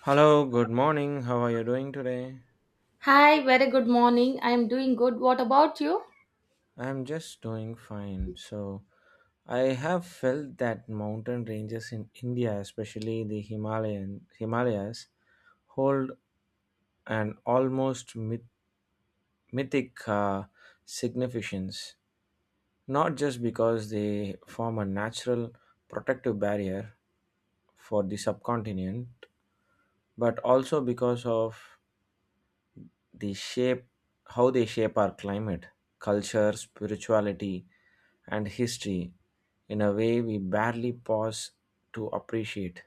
Hello, good morning. How are you doing today? Hi, very good morning. I am doing good. What about you? I'm just doing fine. So, I have felt that mountain ranges in India, especially the Himalayan Himalayas, hold an almost mythic significance, not just because they form a natural protective barrier for the subcontinent, but also because of the shape how they shape our climate, culture, spirituality, and history in a way we barely pause to appreciate.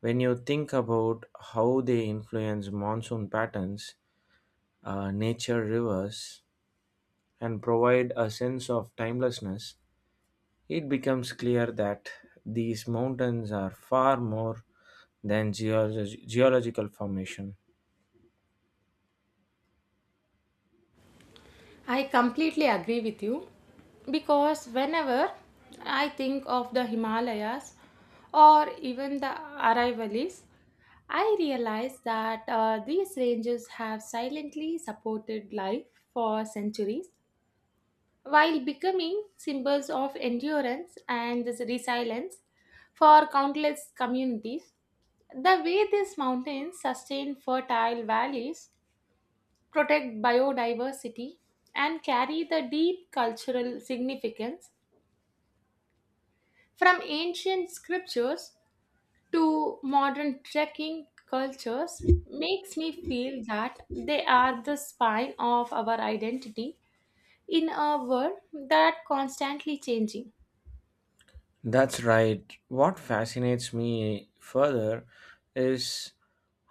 When you think about how they influence monsoon patterns, nature rivers, and provide a sense of timelessness, it becomes clear that these mountains are far more than geological formation. I completely agree with you, because whenever I think of the Himalayas or even the Aravallis, I realize that these ranges have silently supported life for centuries while becoming symbols of endurance and this resilience for countless communities. The way these mountains sustain fertile valleys, protect biodiversity, and carry the deep cultural significance from ancient scriptures to modern trekking cultures makes me feel that they are the spine of our identity in a world that constantly changing. That's right. What fascinates me further is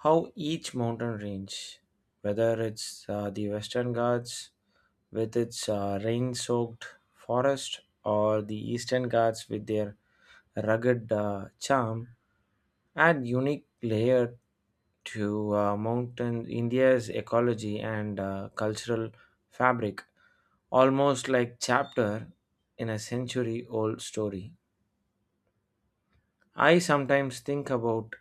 how each mountain range, whether it's the Western Ghats with its rain soaked forest or the Eastern Ghats with their rugged charm, add unique layer to mountain India's ecology and cultural fabric, almost like chapter in a century old story. I sometimes think about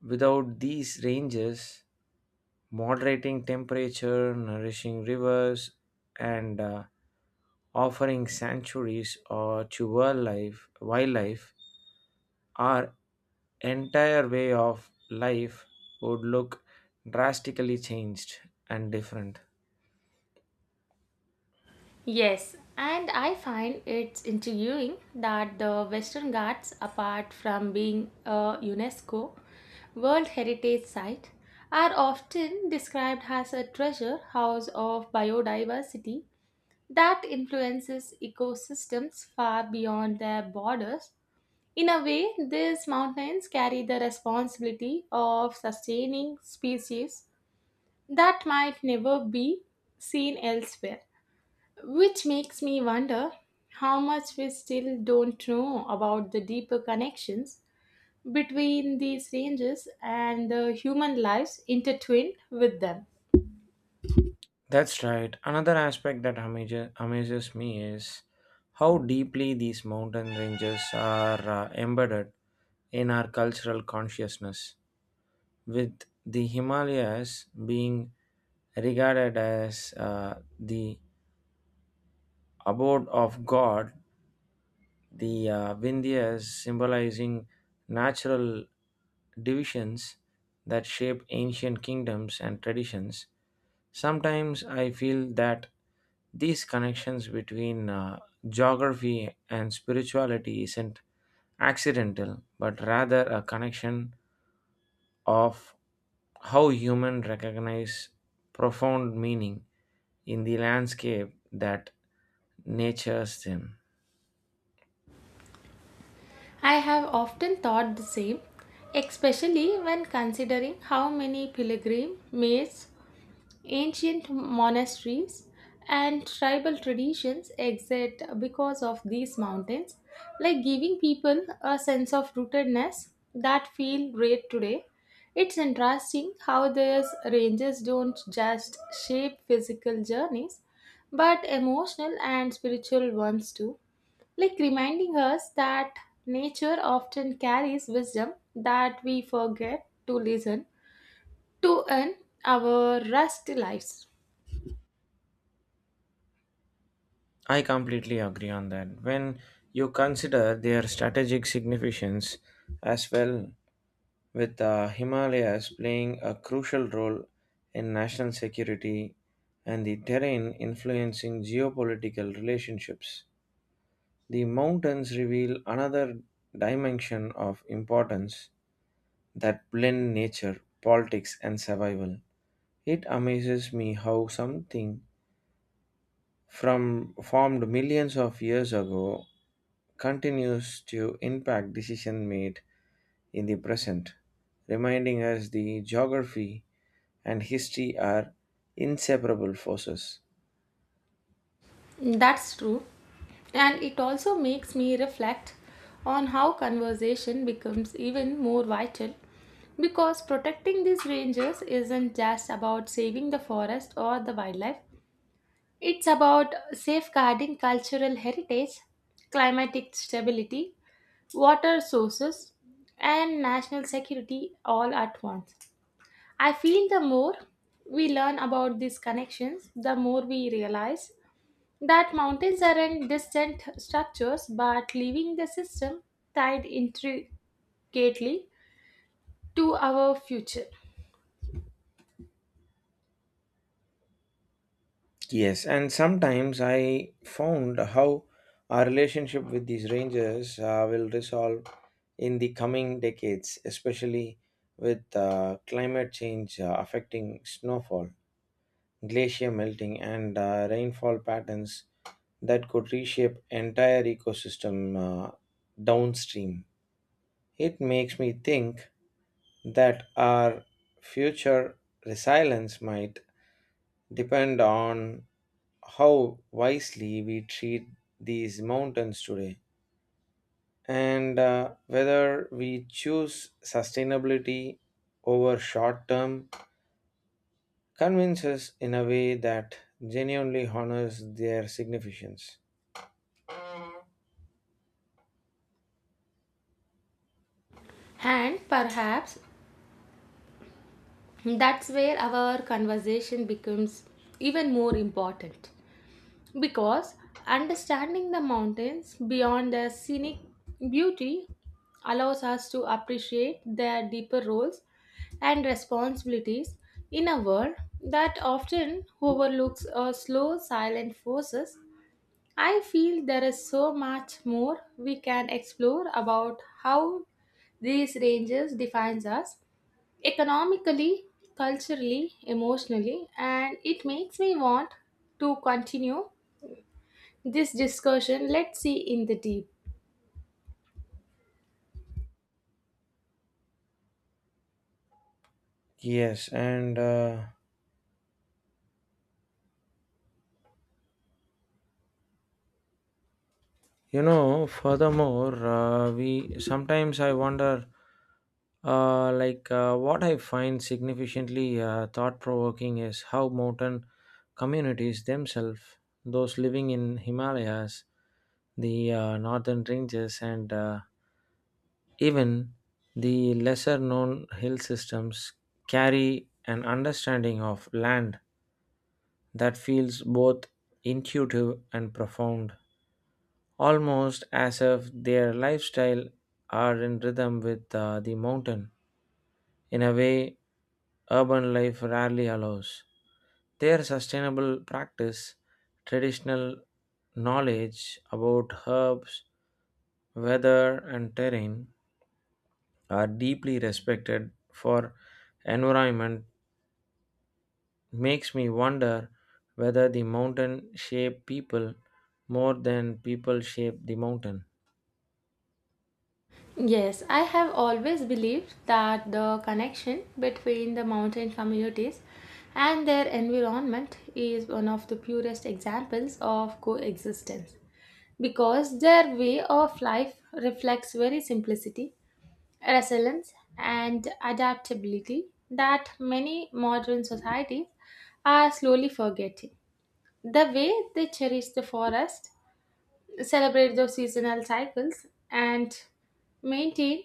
without these ranges, moderating temperature, nourishing rivers, and offering sanctuaries or to wildlife, our entire way of life would look drastically changed and different. Yes, and I find it's intriguing that the Western Ghats, apart from being a UNESCO World Heritage Site, are often described as a treasure house of biodiversity that influences ecosystems far beyond their borders. In a way, these mountains carry the responsibility of sustaining species that might never be seen elsewhere, which makes me wonder how much we still don't know about the deeper connections between these ranges and the human lives intertwined with them. That's right. Another aspect that amazes me is how deeply these mountain ranges are embedded in our cultural consciousness, with the Himalayas being regarded as the abode of God, the Vindhyas symbolizing natural divisions that shape ancient kingdoms and traditions. Sometimes I feel that these connections between geography and spirituality isn't accidental, but rather a connection of how human recognize profound meaning in the landscape that natures them. I have often thought the same, especially when considering how many pilgrim maids, ancient monasteries, and tribal traditions exist because of these mountains, like giving people a sense of rootedness that feel great today. It's interesting how these ranges don't just shape physical journeys, but emotional and spiritual ones too, like reminding us that nature often carries wisdom that we forget to listen to in our rusty lives. I completely agree on that. When you consider their strategic significance as well, with the Himalayas playing a crucial role in national security and the terrain influencing geopolitical relationships, the mountains reveal another dimension of importance that blend nature, politics, and survival. It amazes me how something from formed millions of years ago continues to impact decision made in the present, reminding us the geography and history are inseparable forces. That's true. And it also makes me reflect on how conversation becomes even more vital because protecting these ranges isn't just about saving the forest or the wildlife, it's about safeguarding cultural heritage, climatic stability, water sources, and national security all at once. I feel the more we learn about these connections, the more we realize that mountains aren't distant structures but leaving the system tied intricately to our future. Yes, and sometimes I found how our relationship with these rangers will resolve in the coming decades, especially with climate change affecting snowfall, glacier melting, and rainfall patterns that could reshape entire ecosystem downstream. It makes me think that our future resilience might depend on how wisely we treat these mountains today and whether we choose sustainability over short term convinces in a way that genuinely honors their significance. And perhaps that's where our conversation becomes even more important because understanding the mountains beyond their scenic beauty allows us to appreciate their deeper roles and responsibilities in a world that often overlooks our slow silent forces. I feel there is so much more we can explore about how these ranges defines us economically, culturally, emotionally, and it makes me want to continue this discussion. Let's see in the deep. Yes, and You know, furthermore, we sometimes I wonder, what I find significantly thought-provoking is how mountain communities themselves, those living in Himalayas, the northern ranges, and even the lesser-known hill systems, carry an understanding of land that feels both intuitive and profound, almost as if their lifestyle are in rhythm with the mountain in a way urban life rarely allows. Their sustainable practice, traditional knowledge about herbs, weather, and terrain are deeply respected for environment makes me wonder whether the mountain shape people more than people shape the mountain. Yes, I have always believed that the connection between the mountain communities and their environment is one of the purest examples of coexistence, because their way of life reflects very simplicity, resilience, and adaptability that many modern societies are slowly forgetting. The way they cherish the forest, celebrate those seasonal cycles, and maintain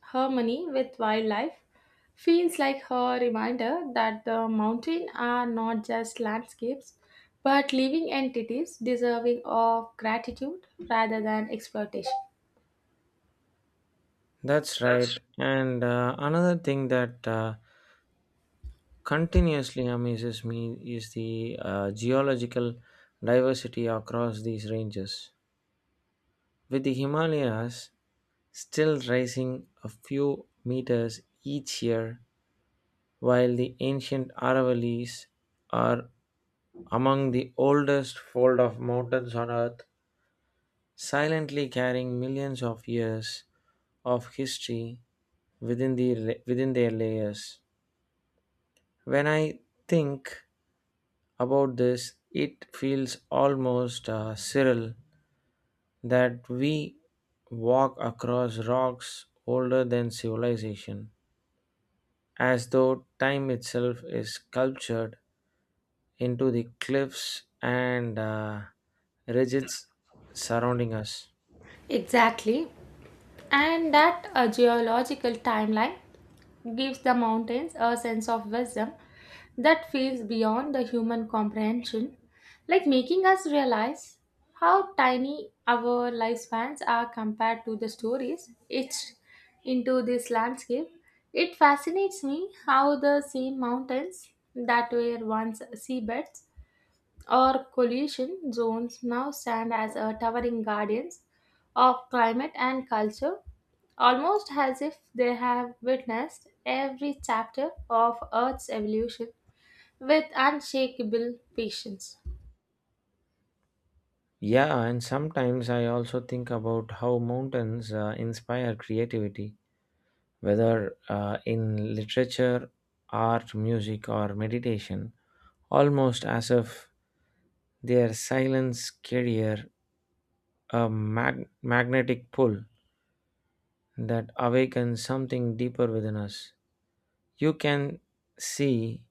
harmony with wildlife feels like her reminder that the mountains are not just landscapes but living entities deserving of gratitude rather than exploitation. That's right. That's And another thing that continuously amazes me is the geological diversity across these ranges, with the Himalayas still rising a few meters each year, while the ancient Aravallis are among the oldest fold of mountains on earth, silently carrying millions of years of history within their layers. When I think about this, it feels almost surreal that we walk across rocks older than civilization, as though time itself is sculptured into the cliffs and ridges surrounding us. exactly. And that geological timeline gives the mountains a sense of wisdom that feels beyond the human comprehension, like making us realize how tiny our lifespans are compared to the stories etched into this landscape. It fascinates me how the same mountains that were once seabeds, our coalition zones, now stand as a towering guardians of climate and culture, almost as if they have witnessed every chapter of Earth's evolution with unshakable patience. Yeah, and sometimes I also think about how mountains inspire creativity, whether in literature, art, music, or meditation, almost as if their silence carrier a magnetic pull that awakens something deeper within us. You can see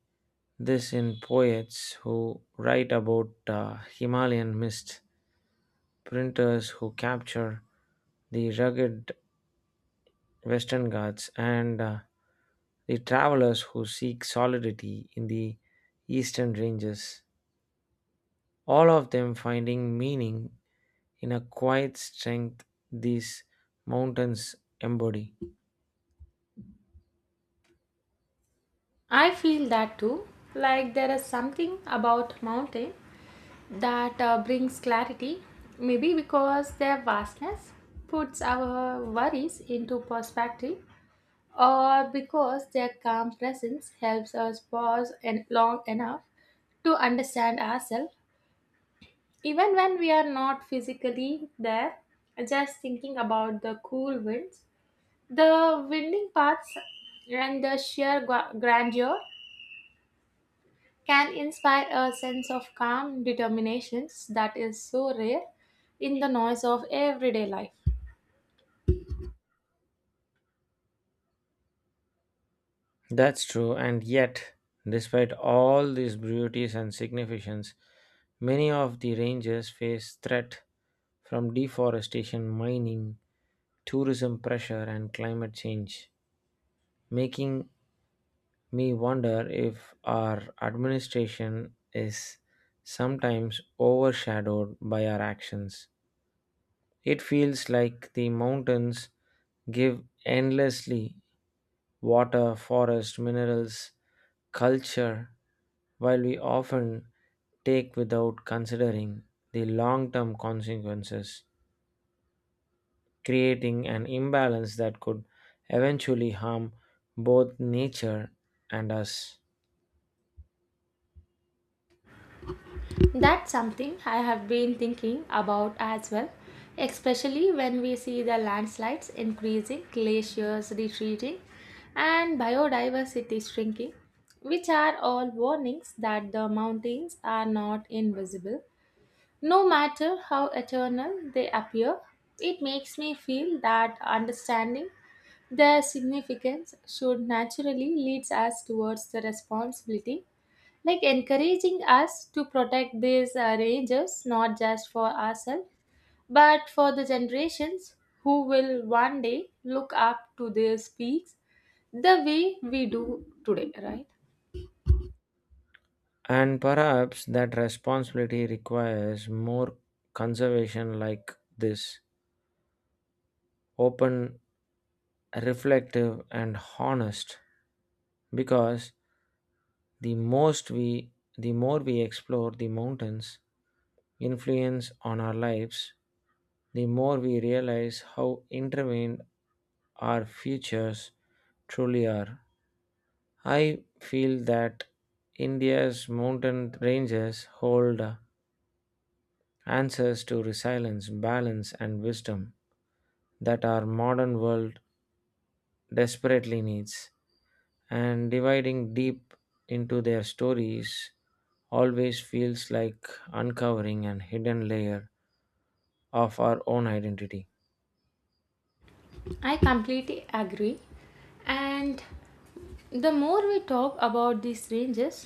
this in poets who write about Himalayan mist, printers who capture the rugged Western Ghats and the travelers who seek solidity in the Eastern Ranges, all of them finding meaning in a quiet strength these mountains embody. I feel that too, like there is something about mountain that brings clarity, maybe because their vastness puts our worries into perspective or because their calm presence helps us pause and long enough to understand ourselves, even when we are not physically there, just thinking about the cool winds, the winding paths, and the sheer grandeur can inspire a sense of calm determinations that is so rare in the noise of everyday life. That's true, and yet, despite all these beauties and significance, many of the ranges face threat from deforestation, mining, tourism pressure, and climate change, making me wonder if our administration is sometimes overshadowed by our actions. It feels like the mountains give endlessly water, forest, minerals, culture, while we often take without considering the long term consequences, creating an imbalance that could eventually harm both nature and us. That's something I have been thinking about as well, especially when we see the landslides increasing, glaciers retreating, and biodiversity shrinking, which are all warnings that the mountains are not invisible. No matter how eternal they appear, it makes me feel that understanding their significance should naturally lead us towards the responsibility, like encouraging us to protect these rangers not just for ourselves but for the generations who will one day look up to these peaks the way we do today, right? And perhaps that responsibility requires more conservation like this, open, reflective, and honest. Because the most we the more we explore the mountains influence on our lives, the more we realize how intertwined our futures truly are. I feel that India's mountain ranges hold answers to resilience, balance, and wisdom that our modern world desperately needs, and dividing deep into their stories always feels like uncovering an hidden layer of our own identity. I completely agree, and the more we talk about these ranges,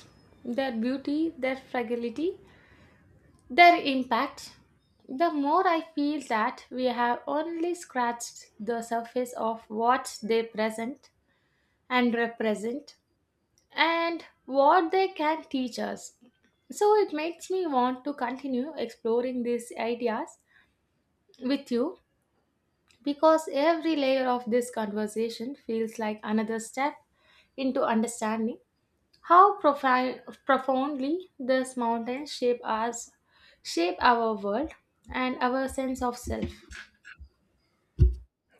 their beauty, their fragility, their impact, the more I feel that we have only scratched the surface of what they present and represent and what they can teach us. So it makes me want to continue exploring these ideas with you because every layer of this conversation feels like another step into understanding how profoundly these mountains shape us, shape our world and our sense of self.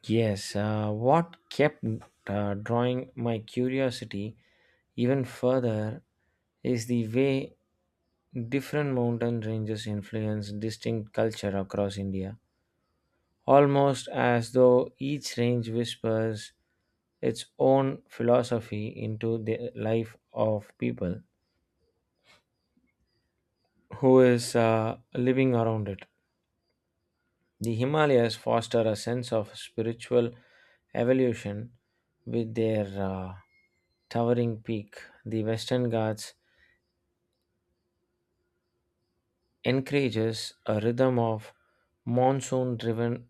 Yes, what kept drawing my curiosity even further is the way different mountain ranges influence distinct culture across India, almost as though each range whispers its own philosophy into the life of people who is living around it. The Himalayas foster a sense of spiritual evolution with their towering peak. The Western Ghats encourages a rhythm of monsoon driven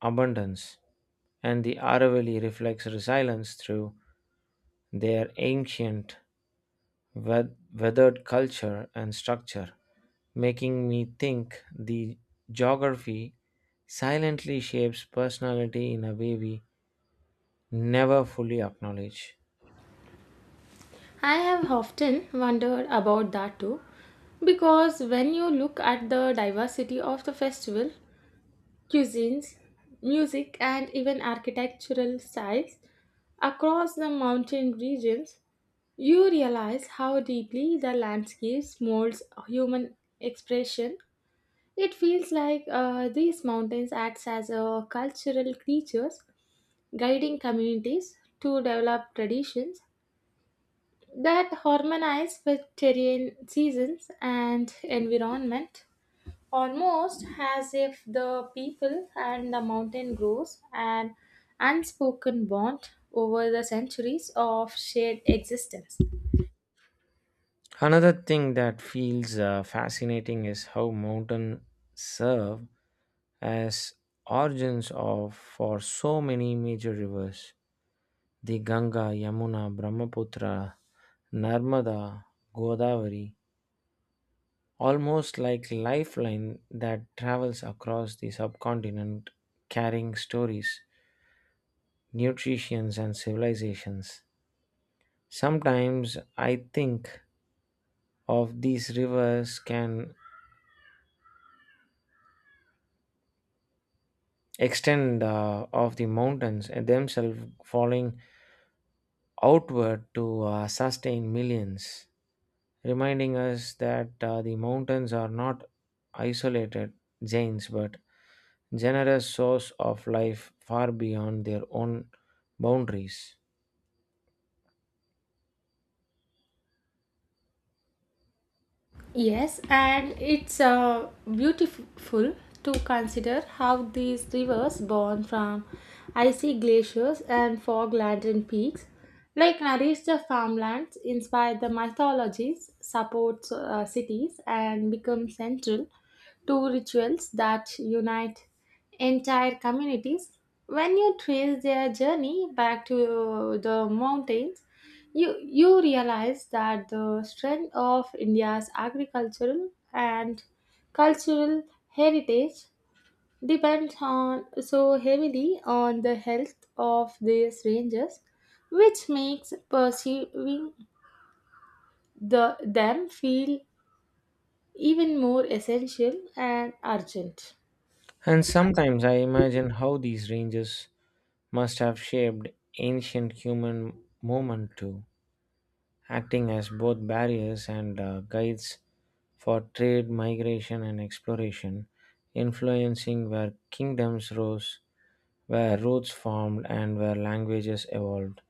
abundance, and the Aravalli reflects resilience through their ancient weathered culture and structure, making me think the geography silently shapes personality in a way we never fully acknowledge. I have often wondered about that too, because when you look at the diversity of the festival, cuisines, music, and even architectural styles across the mountain regions, you realize how deeply the landscapes molds human expression. It feels like these mountains acts as a cultural creatures, guiding communities to develop traditions that harmonize with terrain seasons and environment, almost as if the people and the mountain grows an unspoken bond over the centuries of shared existence. Another thing that feels fascinating is how mountains serve as origins of for so many major rivers. The Ganga, Yamuna, Brahmaputra, Narmada, Godavari, almost like lifeline that travels across the subcontinent carrying stories, nutritions and civilizations. Sometimes I think of these rivers can extend of the mountains and themselves falling outward to sustain millions, reminding us that the mountains are not isolated giants but generous source of life far beyond their own boundaries. Yes, and it's beautiful to consider how these rivers born from icy glaciers and fog laden peaks, like nourish the farmlands, inspire the mythologies, support cities, and become central to rituals that unite entire communities. When you trace their journey back to the mountains, you realize that the strength of India's agricultural and cultural heritage depends on so heavily on the health of these ranges, which makes pursuing them feel even more essential and urgent. And sometimes I imagine how these ranges must have shaped ancient human movement too, acting as both barriers and guides for trade, migration, and exploration, influencing where kingdoms rose, where roots formed, and where languages evolved.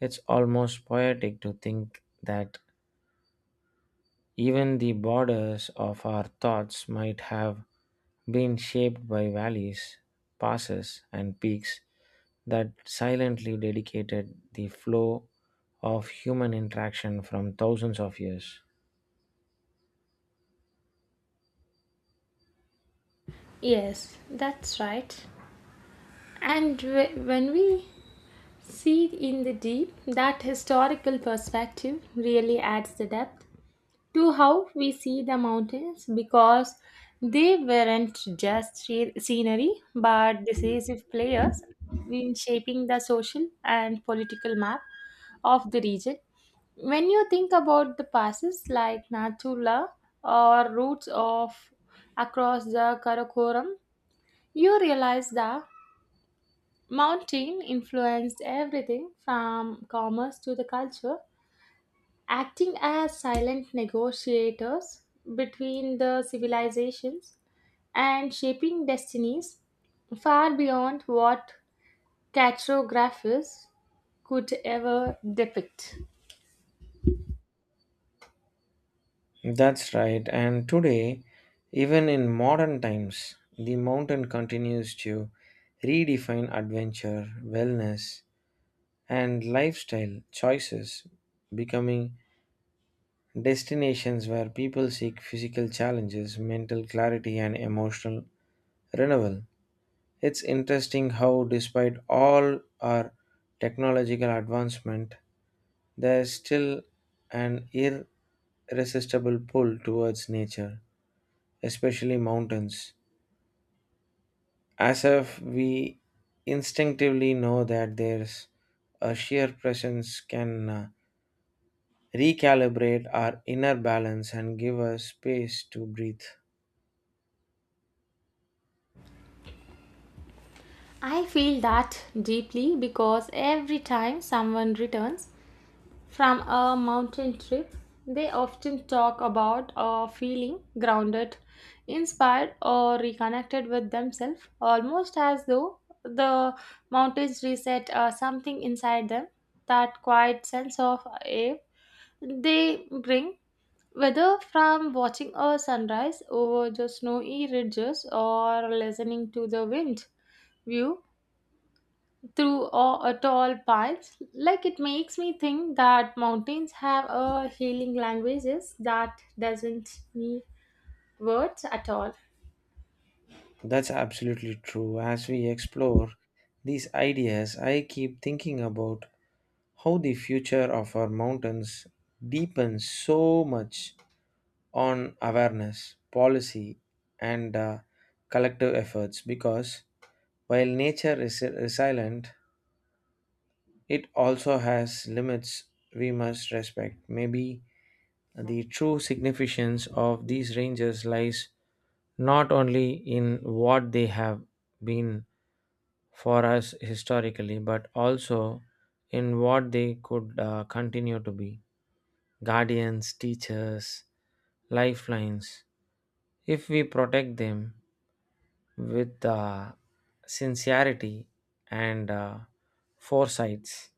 It's almost poetic to think that even the borders of our thoughts might have been shaped by valleys, passes, and peaks that silently dedicated the flow of human interaction from thousands of years. Yes, that's right. And when we see in the deep, that historical perspective really adds the depth to how we see the mountains because they weren't just scenery but decisive players in shaping the social and political map of the region. When you think about the passes like Nathula or routes of across the Karakoram, you realize that mountain influenced everything from commerce to the culture, acting as silent negotiators between the civilizations and shaping destinies far beyond what cartographers could ever depict. That's right, and today, even in modern times, the mountain continues to redefine adventure, wellness, and lifestyle choices, becoming destinations where people seek physical challenges, mental clarity, and emotional renewal. It's interesting how, despite all our technological advancement, there's still an irresistible pull towards nature, especially mountains, as if we instinctively know that there's a sheer presence can recalibrate our inner balance and give us space to breathe. I feel that deeply because every time someone returns from a mountain trip, they often talk about feeling grounded, inspired, or reconnected with themselves, almost as though the mountains reset something inside them. That quiet sense of awe they bring, whether from watching a sunrise over the snowy ridges or listening to the wind view through all, tall pines, like it makes me think that mountains have a healing languages that doesn't need words at all. That's absolutely true. As we explore these ideas, I keep thinking about how the future of our mountains depends so much on awareness, policy, and collective efforts because while nature is resilient, it also has limits we must respect. Maybe the true significance of these ranges lies not only in what they have been for us historically, but also in what they could continue to be guardians, teachers, lifelines. If we protect them with sincerity and foresights,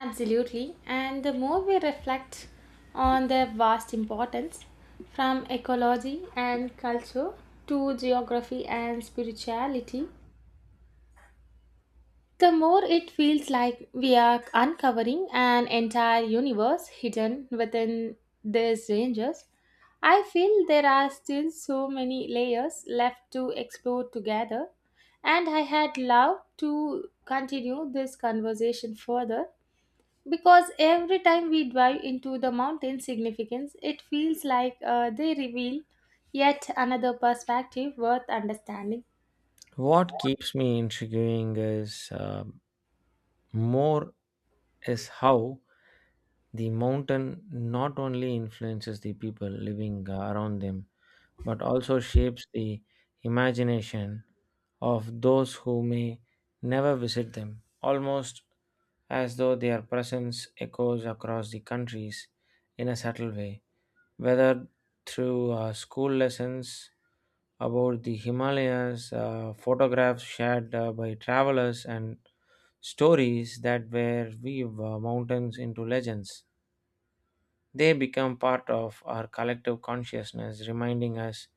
Absolutely. And the more we reflect on their vast importance, from ecology and culture to geography and spirituality, the more it feels like we are uncovering an entire universe hidden within these ranges. I feel there are still so many layers left to explore together, and I had loved to continue this conversation further because every time we dive into the mountain significance, it feels like they reveal yet another perspective worth understanding. what keeps me intriguing more is how the mountain not only influences the people living around them but also shapes the imagination of those who may never visit them, almost as though their presence echoes across the countries in a subtle way, whether through school lessons about the Himalayas, photographs shared by travelers, and stories that were weave mountains into legends. They become part of our collective consciousness, reminding us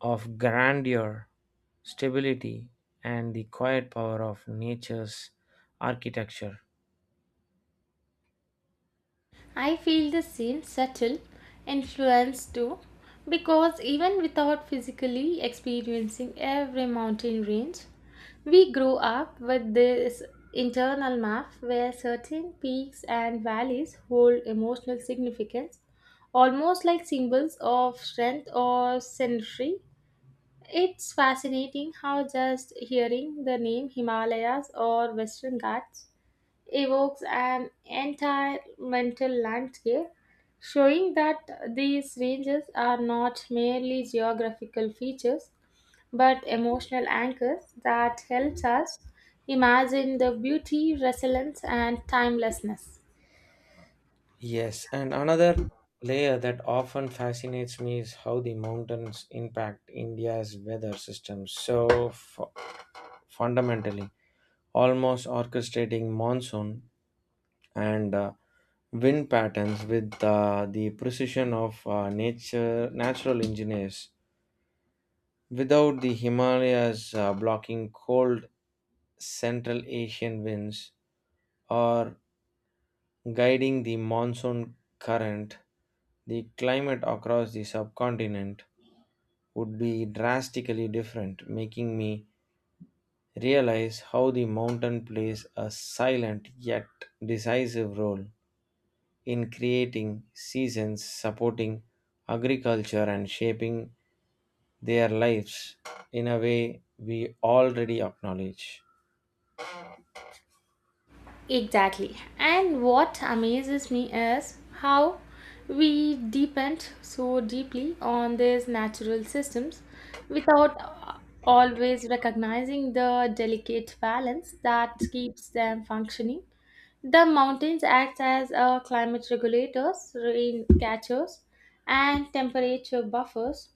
of grandeur, stability, and the quiet power of nature's architecture. I feel the same subtle influence too, because even without physically experiencing every mountain range, we grow up with this internal map where certain peaks and valleys hold emotional significance, almost like symbols of strength or scenery. It's fascinating how just hearing the name Himalayas or Western Ghats evokes an entire mental landscape, showing that these ranges are not merely geographical features but emotional anchors that helps us imagine the beauty, resilience, and timelessness. Yes, and another layer that often fascinates me is how the mountains impact India's weather system so fundamentally, almost orchestrating monsoon and wind patterns with the precision of nature natural engineers. Without the Himalayas blocking cold Central Asian winds or guiding the monsoon current, the climate across the subcontinent would be drastically different, making me realize how the mountain plays a silent yet decisive role in creating seasons, supporting agriculture, and shaping their lives in a way we already acknowledge. Exactly. And what amazes me is how we depend so deeply on these natural systems without always recognizing the delicate balance that keeps them functioning. The mountains act as a climate regulators, rain catchers, and temperature buffers,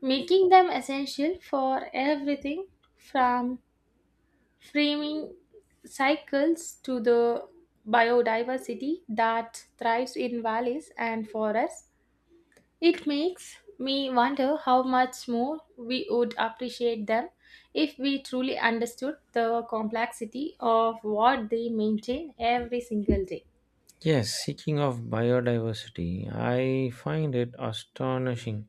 making them essential for everything from framing cycles to the biodiversity that thrives in valleys and forests. It makes me wonder how much more we would appreciate them if we truly understood the complexity of what they maintain every single day. Yes, speaking of biodiversity, I find it astonishing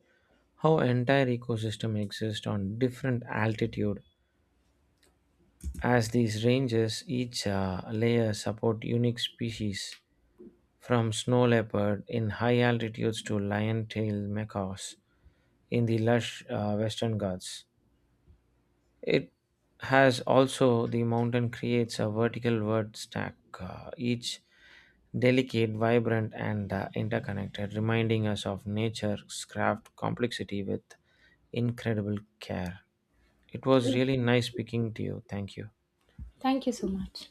how entire ecosystem exist on different altitude as these ranges each layer support unique species from snow leopard in high altitudes to lion-tailed macaws in the lush western ghats. It has also the mountain creates a vertical word stack, each delicate, vibrant, and interconnected, reminding us of nature's craft complexity with incredible care. It was really nice speaking to you. Thank you. Thank you so much.